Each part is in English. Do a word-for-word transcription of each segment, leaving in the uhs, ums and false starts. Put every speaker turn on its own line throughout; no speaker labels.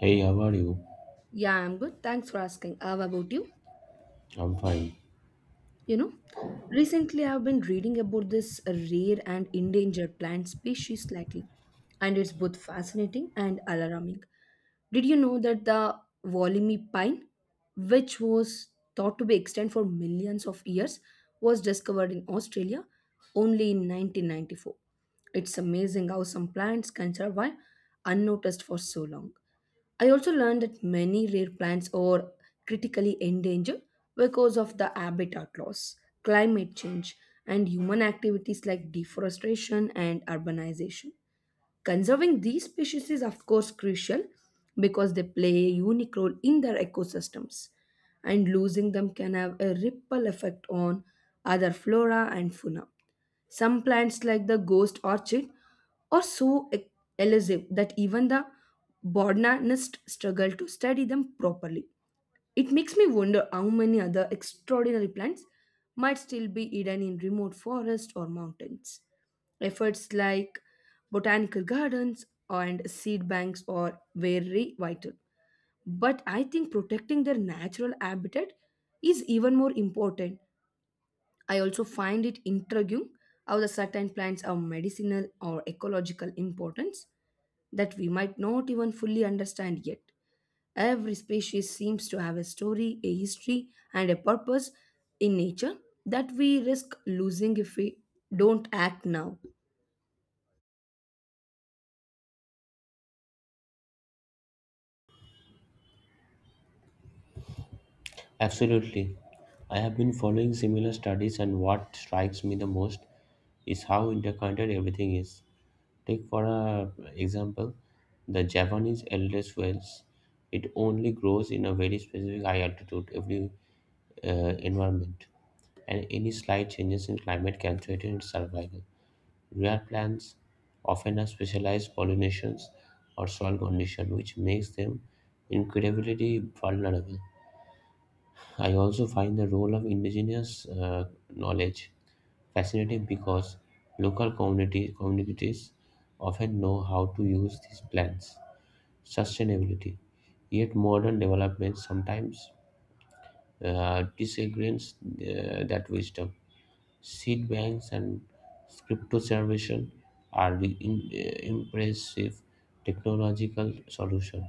Hey, how are you?
Yeah, I'm good. Thanks for asking. How about you?
I'm fine.
You know, Recently I've been reading about this rare and endangered plant species lately, and it's both fascinating and alarming. Did you know that the Wollimi pine, which was thought to be extinct for millions of years, was discovered in Australia only in nineteen ninety-four? It's amazing how some plants can survive unnoticed for so long. I also learned that many rare plants are critically endangered because of the habitat loss, climate change, and human activities like deforestation and urbanization. Conserving these species is, of course, crucial because they play a unique role in their ecosystems, and losing them can have a ripple effect on other flora and fauna. Some plants, like the ghost orchid, are so e- elusive that even the botanist struggle to study them properly. It makes me wonder how many other extraordinary plants might still be hidden in remote forests or mountains. Efforts like botanical gardens and seed banks are very vital. But I think protecting their natural habitat is even more important. I also find it intriguing how the certain plants have medicinal or ecological importance that we might not even fully understand yet. Every species seems to have a story, a history, and a purpose in nature that we risk losing if we don't act now.
Absolutely. I have been following similar studies, and what strikes me the most is how interconnected everything is. Take, for a example, the Japanese eldest whales. It only grows in a very specific high altitude, every uh, environment, and any slight changes in climate can threaten its survival. Rare plants often have specialized pollinations or soil conditions, which makes them incredibly vulnerable. I also find the role of indigenous uh, knowledge fascinating because local community, communities often know how to use these plants. Sustainability. Yet modern development sometimes uh, disagrees uh, that wisdom. Seed banks and cryptoservation are the im- eh, impressive technological solution,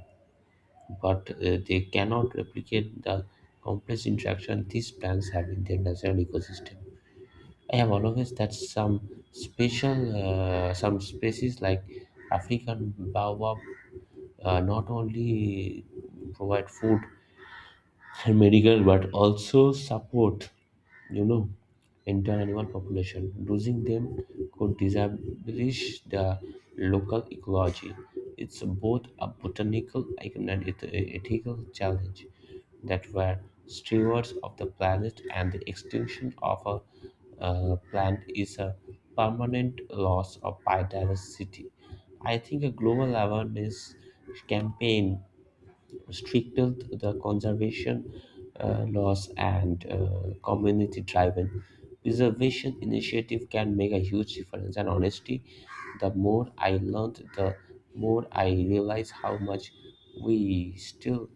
but eh, they cannot replicate the complex interaction these plants have in their natural ecosystem. I have always that some special, uh, some species like African baobab uh, not only provide food and medical but also support you know entire animal population losing them could disabolish the local ecology it's both a botanical icon and it- a ethical challenge that were stewards of the planet, and the extinction of a uh, plant is a permanent loss of biodiversity. I think a global awareness campaign, restrictive, the conservation uh, laws, and uh, community driven preservation initiative can make a huge difference. And honestly, the more I learned, the more I realize how much we still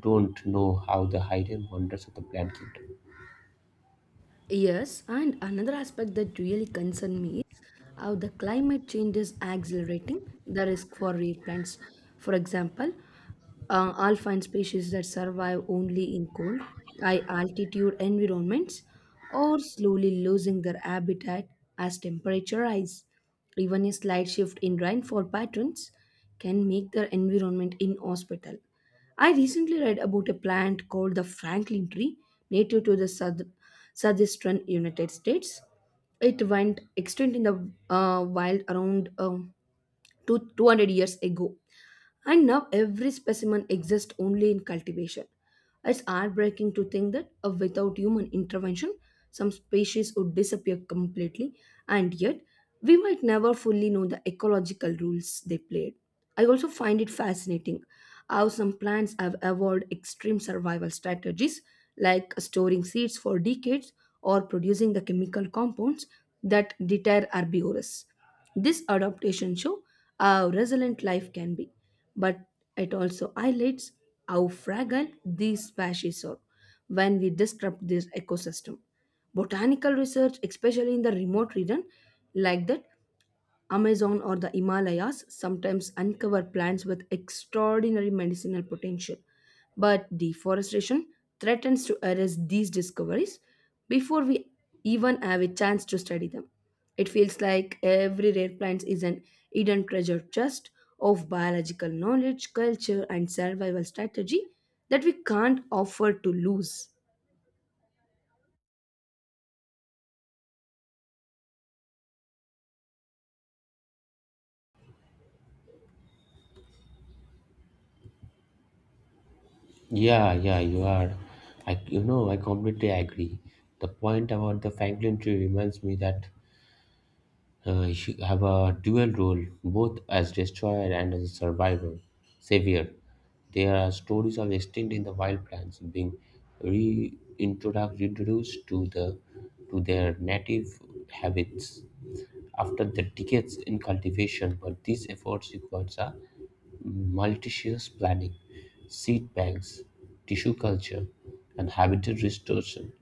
don't know how the hidden wonders of the plant kingdom.
Yes, and another aspect that really concerns me is how the climate change is accelerating the risk for rare plants. For example, uh, alpine species that survive only in cold, high altitude environments are slowly losing their habitat as temperature rise. Even a slight shift in rainfall patterns can make their environment inhospitable. I recently read about a plant called the Franklin tree, native to the south, southeastern United States. It went extinct in the uh, wild around um, two, 200 years ago. And now every specimen exists only in cultivation. It's heartbreaking to think that uh, without human intervention, some species would disappear completely, and yet we might never fully know the ecological roles they played. I also find it fascinating how some plants have evolved extreme survival strategies like storing seeds for decades or producing the chemical compounds that deter herbivores. This adaptation shows how resilient life can be, but it also highlights how fragile these species are when we disrupt this ecosystem. Botanical research, especially in the remote region like that, Amazon or the Himalayas sometimes uncover plants with extraordinary medicinal potential, but deforestation threatens to erase these discoveries before we even have a chance to study them. It feels like every rare plant is an hidden treasure chest of biological knowledge, culture, and survival strategy that we can't afford to lose.
Yeah, yeah, you are. I, you know, I completely agree. The point about the Franklin tree reminds me that Uh, you have a dual role, both as destroyer and as a survivor, savior. There are stories of extinct in the wild plants being reintroduced introduced to the to their native habits after the decades in cultivation. But these efforts requires a multi-shears planting, seed banks, tissue culture, and habitat restoration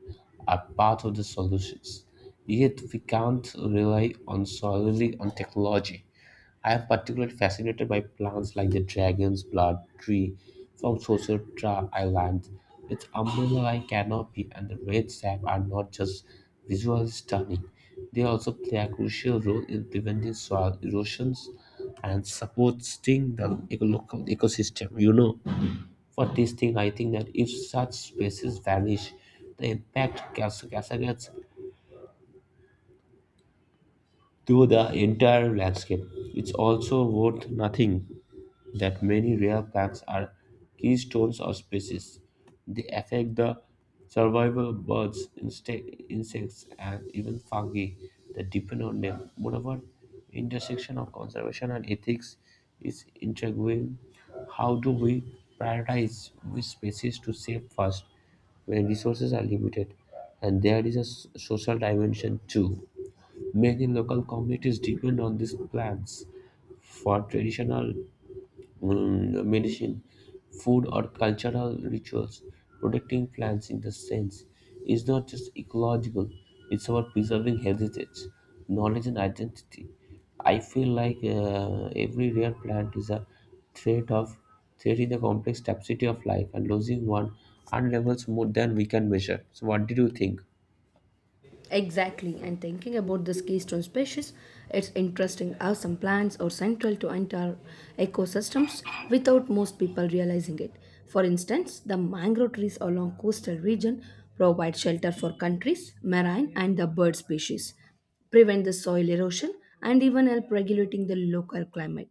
are part of the solutions. Yet we can't rely on solely on technology. I am particularly fascinated by plants like the dragon's blood tree from Socotra Island. Its umbrella-like canopy and the red sap are not just visually stunning, they also play a crucial role in preventing soil erosions and supporting the eco- local ecosystem. You know, for this thing, I think that if such species vanish, the impact cascades through the entire landscape. It's also worth nothing that many rare plants are keystones of species. They affect the survival of birds, inste- insects, and even fungi that depend on them. Moreover, intersection of conservation and ethics is intriguing. How do we prioritize which species to save first when resources are limited? And there is a s- social dimension too. Many local communities depend on these plants for traditional um, medicine, food, or cultural rituals. Protecting plants in the sense is not just ecological, it's about preserving heritage, knowledge, and identity. I feel like uh, every rare plant is a thread of thread in the complex tapestry of life, and losing one unravels more than we can measure. So, what did you think?
Exactly, and thinking about this keystone species, it's interesting how some plants are central to entire ecosystems without most people realizing it. For instance, the mangrove trees along coastal region provide shelter for countries, marine and the bird species prevent the soil erosion, and even help regulating the local climate.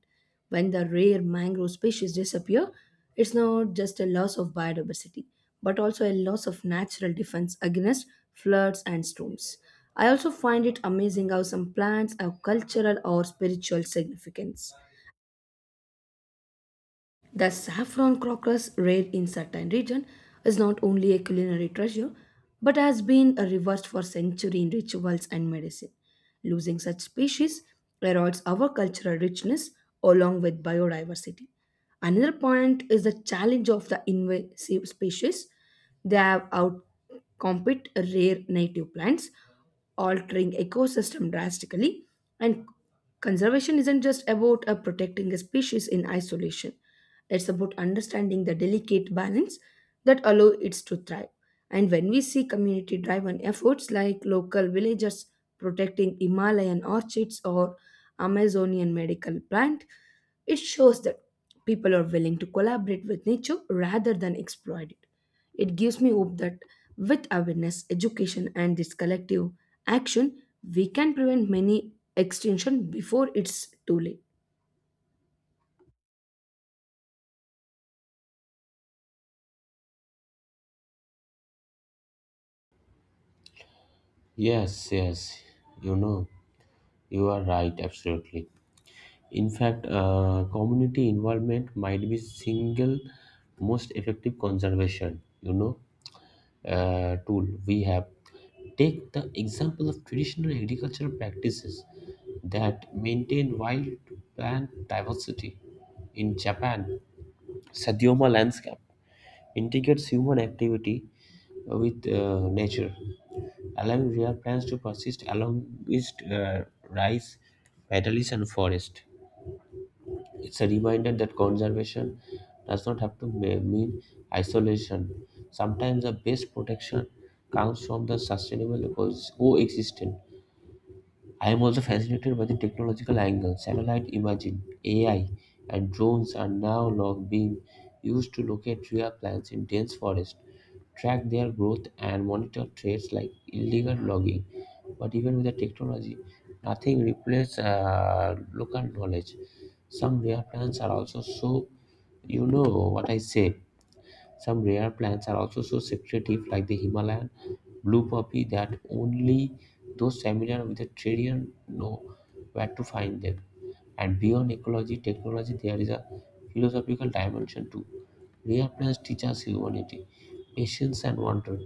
When the rare mangrove species disappear, it's not just a loss of biodiversity, but also a loss of natural defense against floods and storms. I also find it amazing how some plants have cultural or spiritual significance. The saffron crocus, rare in certain regions, is not only a culinary treasure but has been reversed for centuries in rituals and medicine. Losing such species erodes our cultural richness along with biodiversity. Another point is the challenge of the invasive species. They have outcompete rare native plants, altering ecosystem drastically, and conservation isn't just about uh, protecting a species in isolation. It's about understanding the delicate balance that allow it to thrive. And when we see community driven efforts like local villagers protecting Himalayan orchids or Amazonian medical plant, it shows that people are willing to collaborate with nature rather than exploit it. It gives me hope that with awareness, education, and this collective action, we can prevent many extinction before it's too late.
Yes, yes, you know. You are right, absolutely. In fact, uh, community involvement might be single most effective conservation, you know, uh, tool we have. Take the example of traditional agricultural practices that maintain wild plant diversity. In Japan, Sadioma landscape integrates human activity with uh, nature, allowing rare plants to persist along with uh, rice, meadows, and forest. It's a reminder that conservation does not have to ma- mean isolation. Sometimes the best protection comes from the sustainable coexistence. I am also fascinated by the technological angle. Satellite imaging, A I, and drones are now long being used to locate rare plants in dense forests, track their growth, and monitor threats like illegal logging. But even with the technology, nothing replaces uh, local knowledge. Some rare plants are also so, you know what I say, some rare plants are also so secretive, like the Himalayan blue poppy, that only those familiar with the terrain know where to find them. And beyond ecology, technology, there is a philosophical dimension too. Rare plants teach us humanity, patience, and wonder.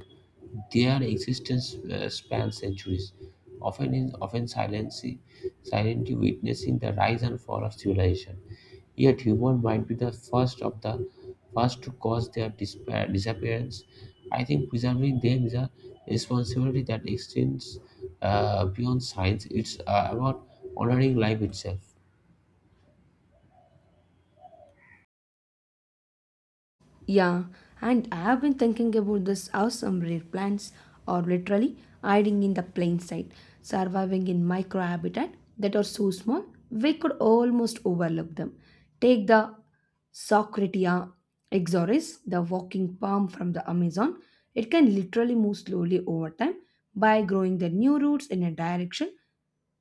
Their existence uh, spans centuries, often in often silently, silently witnessing the rise and fall of civilization. Yet humans might be the first of the first to cause their dispa- disappearance. I think preserving them is a responsibility that extends uh, beyond science. It's uh, about honoring life itself.
Yeah, and I have been thinking about this how some rare plants are literally hiding in the plain sight, surviving in microhabitat that are so small we could almost overlook them. Take the Socratia exoris, the walking palm from the Amazon. It can literally move slowly over time by growing the new roots in a direction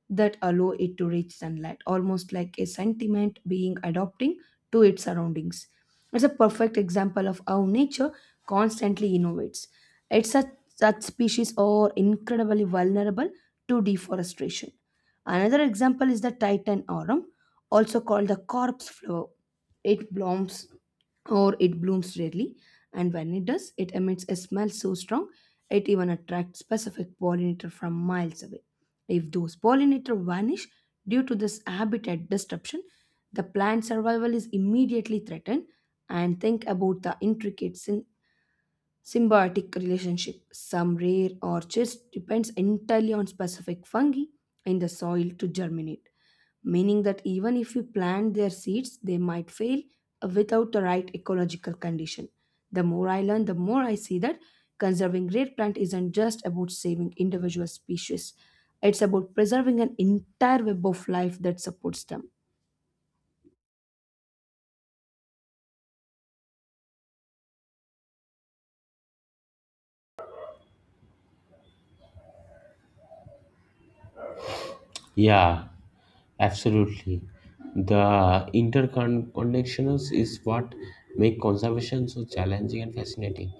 that allow it to reach sunlight, almost like a sentiment being adapting to its surroundings. It's a perfect example of how nature constantly innovates. It's such, such species are incredibly vulnerable to deforestation. Another example is the Titan aurum, also called the corpse flower. It blooms or it blooms rarely, and when it does, it emits a smell so strong it even attracts specific pollinator from miles away. If those pollinators vanish due to this habitat disruption, the plant survival is immediately threatened. And think about the intricate syn- symbiotic relationship. Some rare orchids depends entirely on specific fungi in the soil to germinate, meaning that even if we plant their seeds, they might fail without the right ecological condition. The more I learn, the more I see that conserving rare plant isn't just about saving individual species. It's about preserving an entire web of life that supports them.
Yeah, absolutely. The interconnections is what make conservation so challenging and fascinating.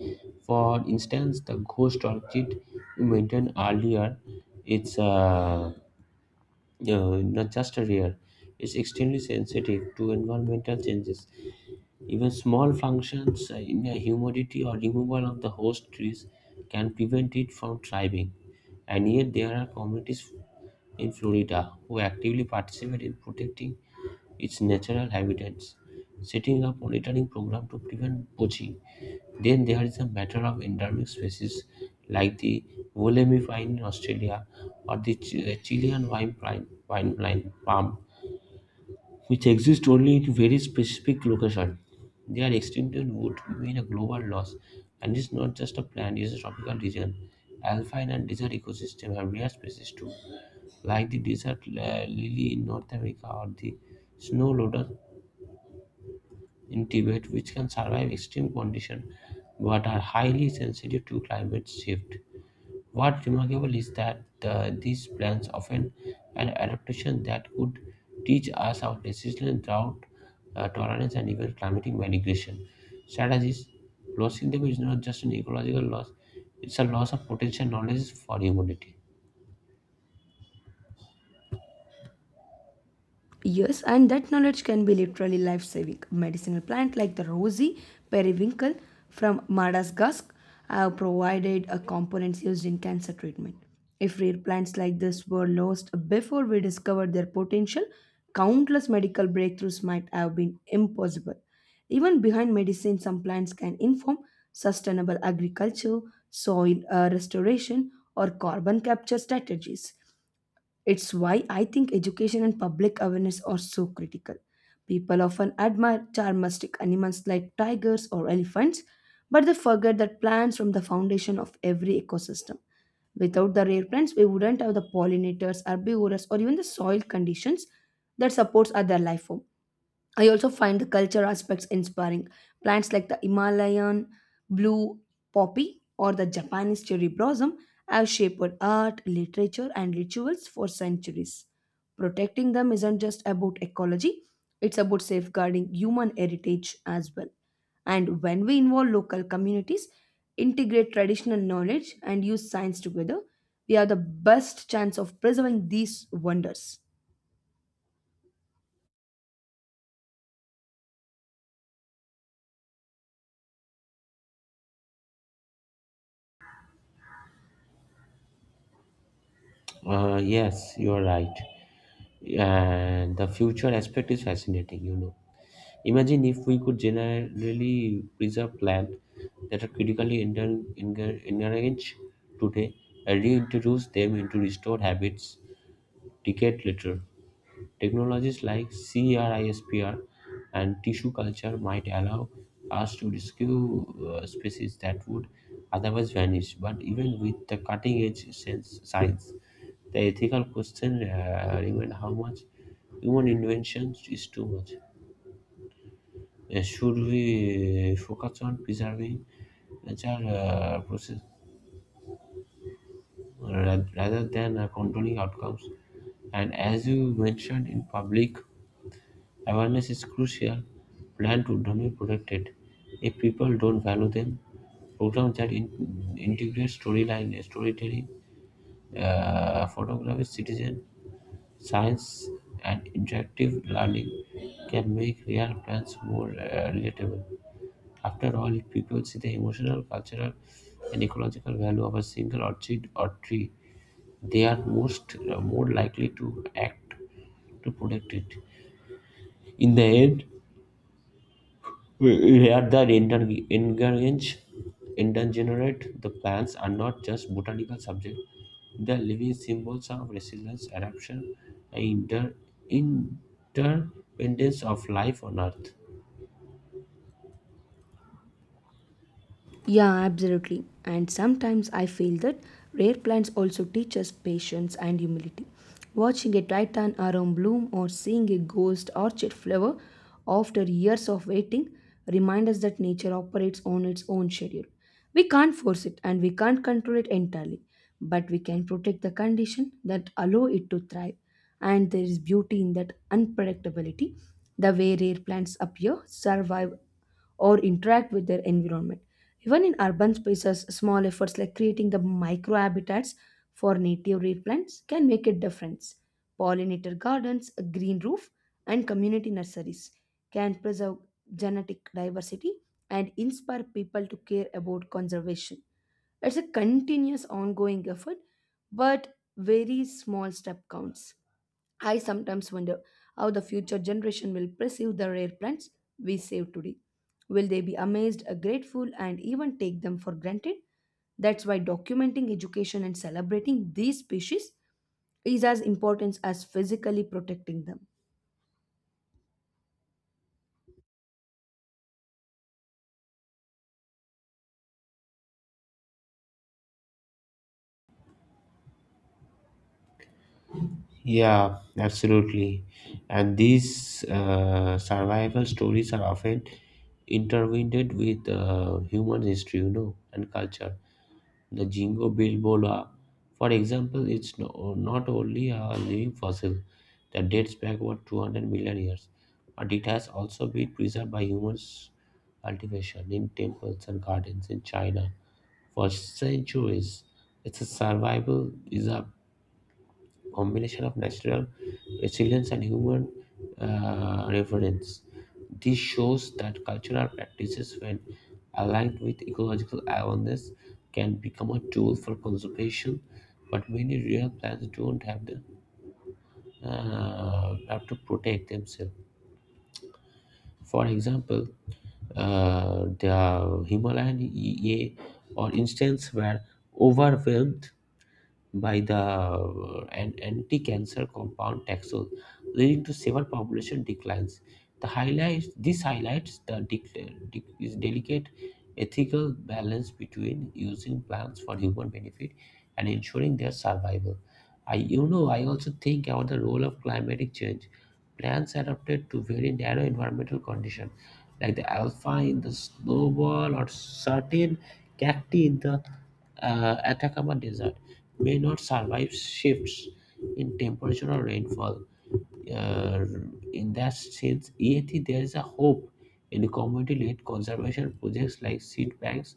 For instance, the ghost orchid you mentioned earlier, it's uh, uh, not just rare. It's extremely sensitive to environmental changes. Even small functions in the humidity or removal of the host trees can prevent it from thriving. And yet, there are communities in Florida who actively participate in protecting its natural habitats, setting up monitoring program to prevent poaching. Then there is a matter of endemic species like the wollemi pine in Australia or the Ch- Chilean vine pine, pine, pine palm which exist only in very specific location. Their extinction would mean a global loss, and it's not just a plant, it's a tropical region. Alpine and desert ecosystem have rare species too, like the desert li- lily in North America or the snow lotus in Tibet, which can survive extreme conditions but are highly sensitive to climate shift. What's remarkable is that uh, these plans often an adaptation that could teach us how resilience, drought uh, tolerance, and even climatic migration strategies. Losing them is not just an ecological loss; it's a loss of potential knowledge for humanity.
Yes, and that knowledge can be literally life saving. Medicinal plants like the rosy periwinkle from Madagascar have provided a components used in cancer treatment. If rare plants like this were lost before we discovered their potential, countless medical breakthroughs might have been impossible. Even behind medicine, some plants can inform sustainable agriculture, soil uh, restoration, or carbon capture strategies. It's why I think education and public awareness are so critical. People often admire charmistic animals like tigers or elephants, but they forget that plants form the foundation of every ecosystem. Without the rare plants, we wouldn't have the pollinators, herbivores, or even the soil conditions that supports other life forms. I also find the culture aspects inspiring. Plants like the Himalayan blue poppy or the Japanese cherry blossom have shaped art, literature, and rituals for centuries. Protecting them isn't just about ecology, it's about safeguarding human heritage as well. And when we involve local communities, integrate traditional knowledge, and use science together, we have the best chance of preserving these wonders.
Uh, yes, you are right, and the future aspect is fascinating. You know, imagine if we could generally preserve plants that are critically endan- enga- endangered today and reintroduce them into restored habits decades later. Technologies like CRISPR and tissue culture might allow us to rescue uh, species that would otherwise vanish. But even with the cutting edge sense, science, the ethical question uh, remains how much human invention is too much. Uh, should we focus on preserving nature uh, process ra- rather than uh, controlling outcomes? And as you mentioned in public, awareness is crucial. Plan to be protected. If people don't value them, programs that in- integrate storyline, storytelling, uh, photography, citizen science, and interactive learning can make real plans more uh, relatable. After all, if people see the emotional, cultural, and ecological value of a single orchid or tree, they are most uh, more likely to act to protect it. In the end, we are the ender- endangered endangered. The plants are not just botanical subjects; they are living symbols of resilience, adaptation, and inter- interdependence of life on Earth.
Yeah, absolutely. And sometimes I feel that rare plants also teach us patience and humility. Watching a titan around bloom or seeing a ghost orchid flower after years of waiting remind us that nature operates on its own schedule. We can't force it and we can't control it entirely, but we can protect the condition that allow it to thrive. And there is beauty in that unpredictability, the way rare plants appear, survive or interact with their environment. Even in urban spaces, small efforts like creating the microhabitats for native reed plants can make a difference. Pollinator gardens, a green roof, and community nurseries can preserve genetic diversity and inspire people to care about conservation. It's a continuous ongoing effort, but very small step counts. I sometimes wonder how the future generation will perceive the rare plants we save today. Will they be amazed, uh, grateful, and even take them for granted? That's why documenting education and celebrating these species is as important as physically protecting them.
Yeah, absolutely. And these uh, survival stories are often intertwined with uh, human history, you know, and culture. The Jingo Bilbola, for example, it's no, not only a living fossil that dates back over two hundred million years, but it has also been preserved by humans' cultivation in temples and gardens in China for centuries. It's survival is a combination of natural resilience and human uh, reverence. This shows that cultural practices, when aligned with ecological awareness, can become a tool for conservation. But many real plants don't have the uh, have to protect themselves. For example, uh, the Himalayan E A, or instance, were overwhelmed by the uh, an anti-cancer compound taxol, leading to several population declines. The highlights this highlights the dec- dec- is delicate ethical balance between using plants for human benefit and ensuring their survival. I, you know, I also think about the role of climatic change. Plants adapted to very narrow environmental conditions, like the alpine in the snowball or certain cacti in the uh, Atacama Desert, may not survive shifts in temperature or rainfall uh, in that sense, E A T, there is a hope in community-led conservation projects like seed banks,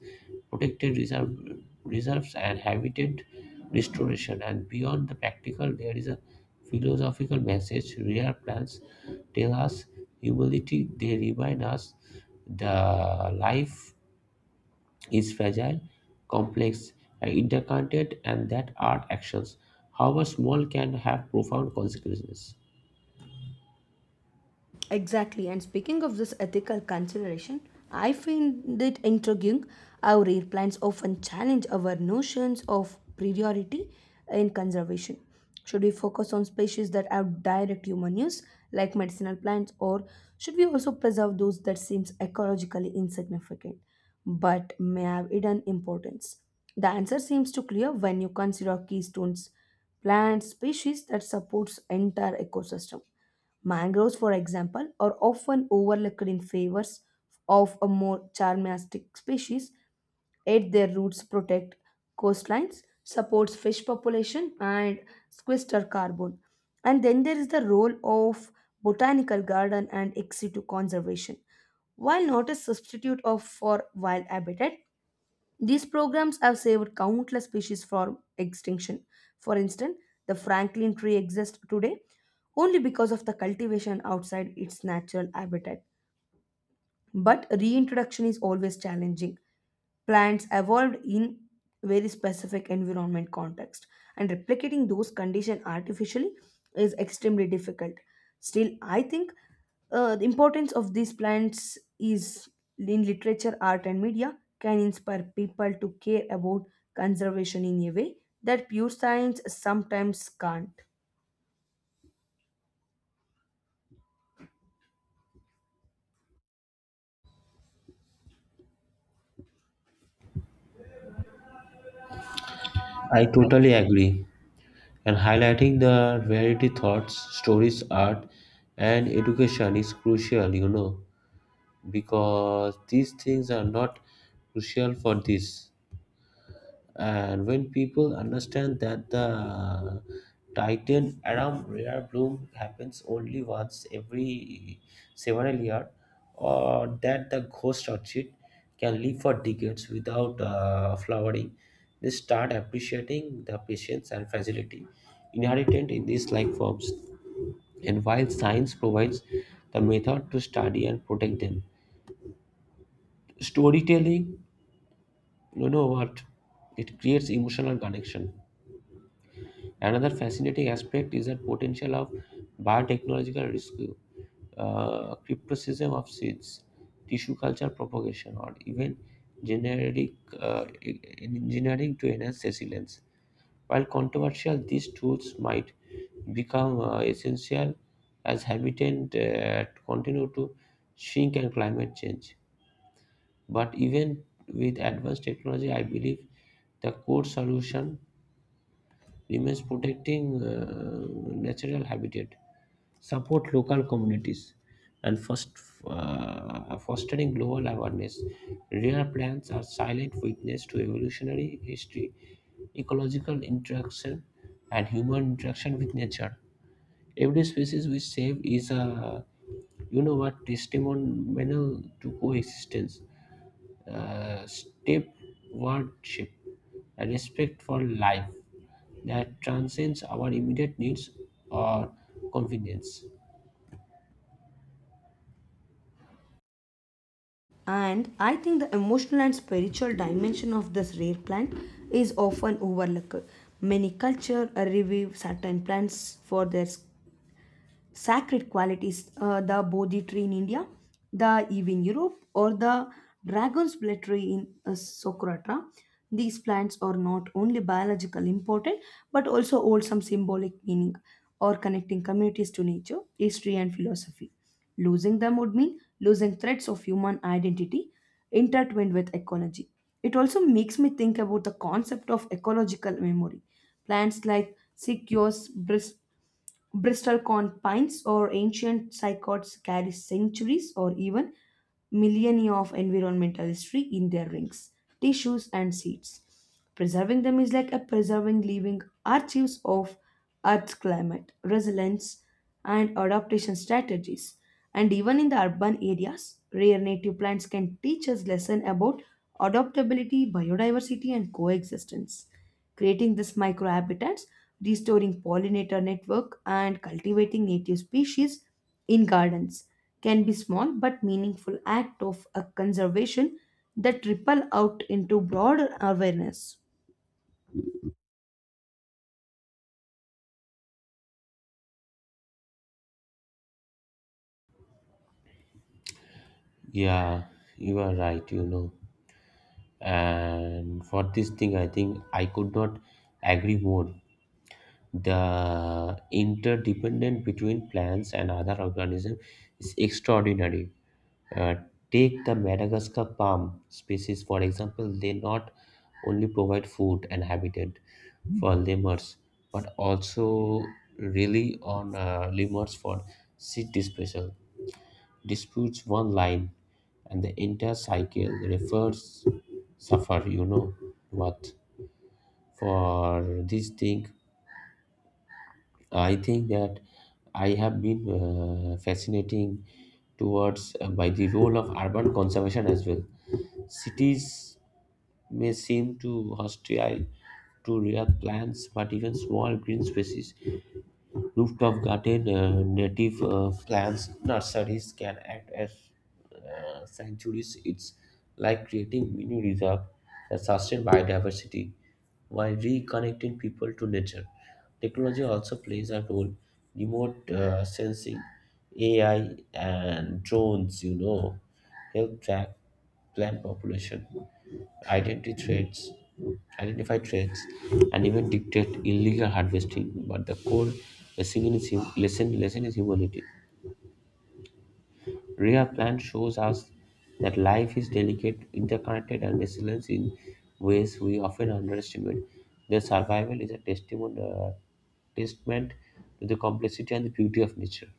protected reserve, reserves, and habitat restoration. And beyond the practical, there is a philosophical message. Rare plants tell us humility. They remind us the life is fragile, complex, and interconnected, and that our actions, however small, can have profound consequences.
Exactly. And speaking of this ethical consideration, I find it intriguing how rare plants often challenge our notions of priority in conservation. Should we focus on species that have direct human use, like medicinal plants, or should we also preserve those that seems ecologically insignificant, but may have hidden importance? The answer seems to clear when you consider keystones, plant species that supports entire ecosystem. Mangroves, for example, are often overlooked in favor of a more charismatic species, yet their roots protect coastlines, supports fish population, and sequester carbon. And then there is the role of botanical garden and ex situ conservation. While not a substitute of for wild habitat, these programs have saved countless species from extinction. For instance, the Franklin tree exists today only because of the cultivation outside its natural habitat. But reintroduction is always challenging. Plants evolved in very specific environment context, and replicating those conditions artificially is extremely difficult. Still, I think uh, the importance of these plants is in literature, art, and media can inspire people to care about conservation in a way that pure science sometimes can't.
I totally agree. And highlighting the variety thoughts, stories, art, and education is crucial, you know, because these things are not crucial for this. And when people understand that the Titan Adam rare bloom happens only once every several year, or that the ghost orchid can live for decades without uh, flowering, they start appreciating the patience and fragility inherent in these life forms. And while science provides the method to study and protect them, storytelling, you know what, it creates emotional connection. Another fascinating aspect is the potential of biotechnological rescue, uh, cryptocism of seeds, tissue culture propagation, or even genetic uh, e- engineering to enhance resilience. While controversial, these tools might become uh, essential as habitat uh, continue to shrink and climate change. But even with advanced technology, I believe the core solution remains protecting uh, natural habitat, support local communities, and first, uh, fostering global awareness. Rare plants are silent witness to evolutionary history, ecological interaction, and human interaction with nature. Every species we save is a you know what testimonial to coexistence uh, stewardship, a respect for life that transcends our immediate needs or convenience.
And I think the emotional and spiritual dimension of this rare plant is often overlooked. Many cultures review certain plants for their sacred qualities, uh, the Bodhi tree in India, the Eve in Europe, or the dragon's blood tree in uh, Socotra. These plants are not only biologically important but also hold some symbolic meaning or connecting communities to nature, history, and philosophy. Losing them would mean losing threads of human identity intertwined with ecology. It also makes me think about the concept of ecological memory. Plants like sequoias, bris- Bristol corn pines or ancient cycads carry centuries or even millennia of environmental history in their rings, tissues, and seeds. Preserving them is like a preserving living archives of Earth's climate, resilience, and adaptation strategies. And even in the urban areas, rare native plants can teach us lesson about adaptability, biodiversity, and coexistence creating this microhabitats, restoring pollinator network, and cultivating native species in gardens can be small but meaningful act of a conservation that ripple out into broader awareness.
Yeah, you are right, you know. And for this thing, I think I could not agree more. The interdependence between plants and other organisms is extraordinary. Uh, Take the Madagascar palm species, for example, they not only provide food and habitat for lemurs, but also rely on uh, lemurs for seed dispersal. Disputes one line, and the entire cycle refers suffer. You know what? For this thing, I think that I have been uh, fascinating towards uh, by the role of urban conservation as well. Cities may seem too hostile to real plants, but even small green spaces, rooftop garden, uh, native uh, plants, nurseries can act as uh, sanctuaries. It's like creating mini reserve that sustain biodiversity while reconnecting people to nature. Technology also plays a role. Remote uh, sensing, A I, and drones, you know, help track plant population identity threats, identify threats, and even dictate illegal harvesting. But the core lesson is, hum- lesson, lesson is humanity. Rhea Plan shows us that life is delicate, interconnected, and resilient in ways we often underestimate. Their survival is a testament, uh, testament to the complexity and the beauty of nature.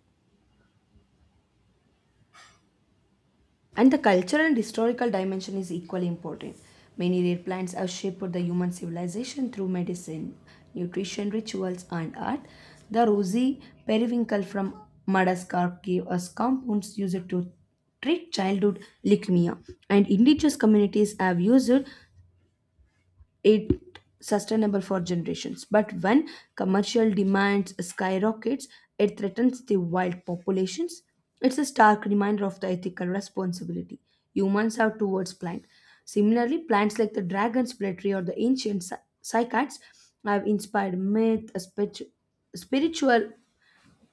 And the cultural and historical dimension is equally important. Many rare plants have shaped the human civilization through medicine, nutrition, rituals, and art. The rosy periwinkle from Madagascar gave us compounds used to treat childhood leukemia, and indigenous communities have used it sustainable for generations. But when commercial demands skyrockets, it threatens the wild populations. It's a stark reminder of the ethical responsibility humans have towards plants. Similarly, plants like the dragon's pletry or the ancient cy- cycads have inspired myth, a spiritu- spiritual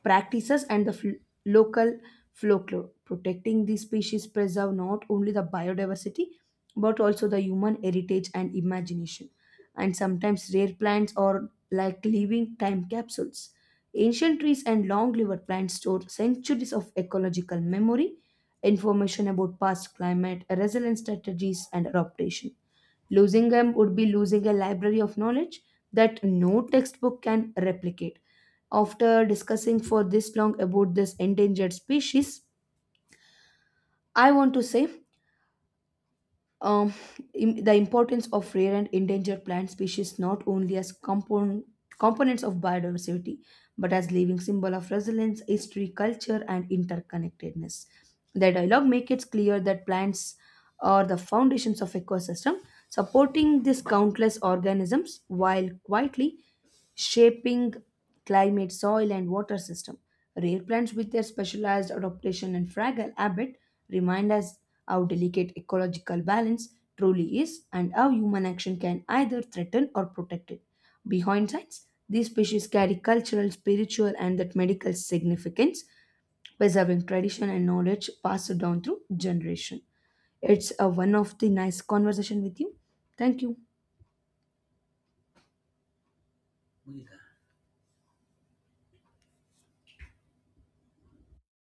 practices and the fl- local folklore. Protecting these species preserve not only the biodiversity but also the human heritage and imagination. And sometimes rare plants are like living time capsules. Ancient trees and long-lived plants store centuries of ecological memory, information about past climate, resilience strategies, and adaptation. Losing them would be losing a library of knowledge that no textbook can replicate. After discussing for this long about this endangered species, I want to say um, im- the importance of rare and endangered plant species not only as compon- components of biodiversity but as living symbol of resilience, history, culture, and interconnectedness. The dialogue makes it clear that plants are the foundations of ecosystem supporting these countless organisms while quietly shaping climate, soil, and water system. Rare plants with their specialized adaptation and fragile habit remind us how delicate ecological balance truly is and how human action can either threaten or protect it. Behind science, these species carry cultural, spiritual, and that medical significance, preserving tradition and knowledge passed down through generation. It's a one of the nice conversation with you. Thank you.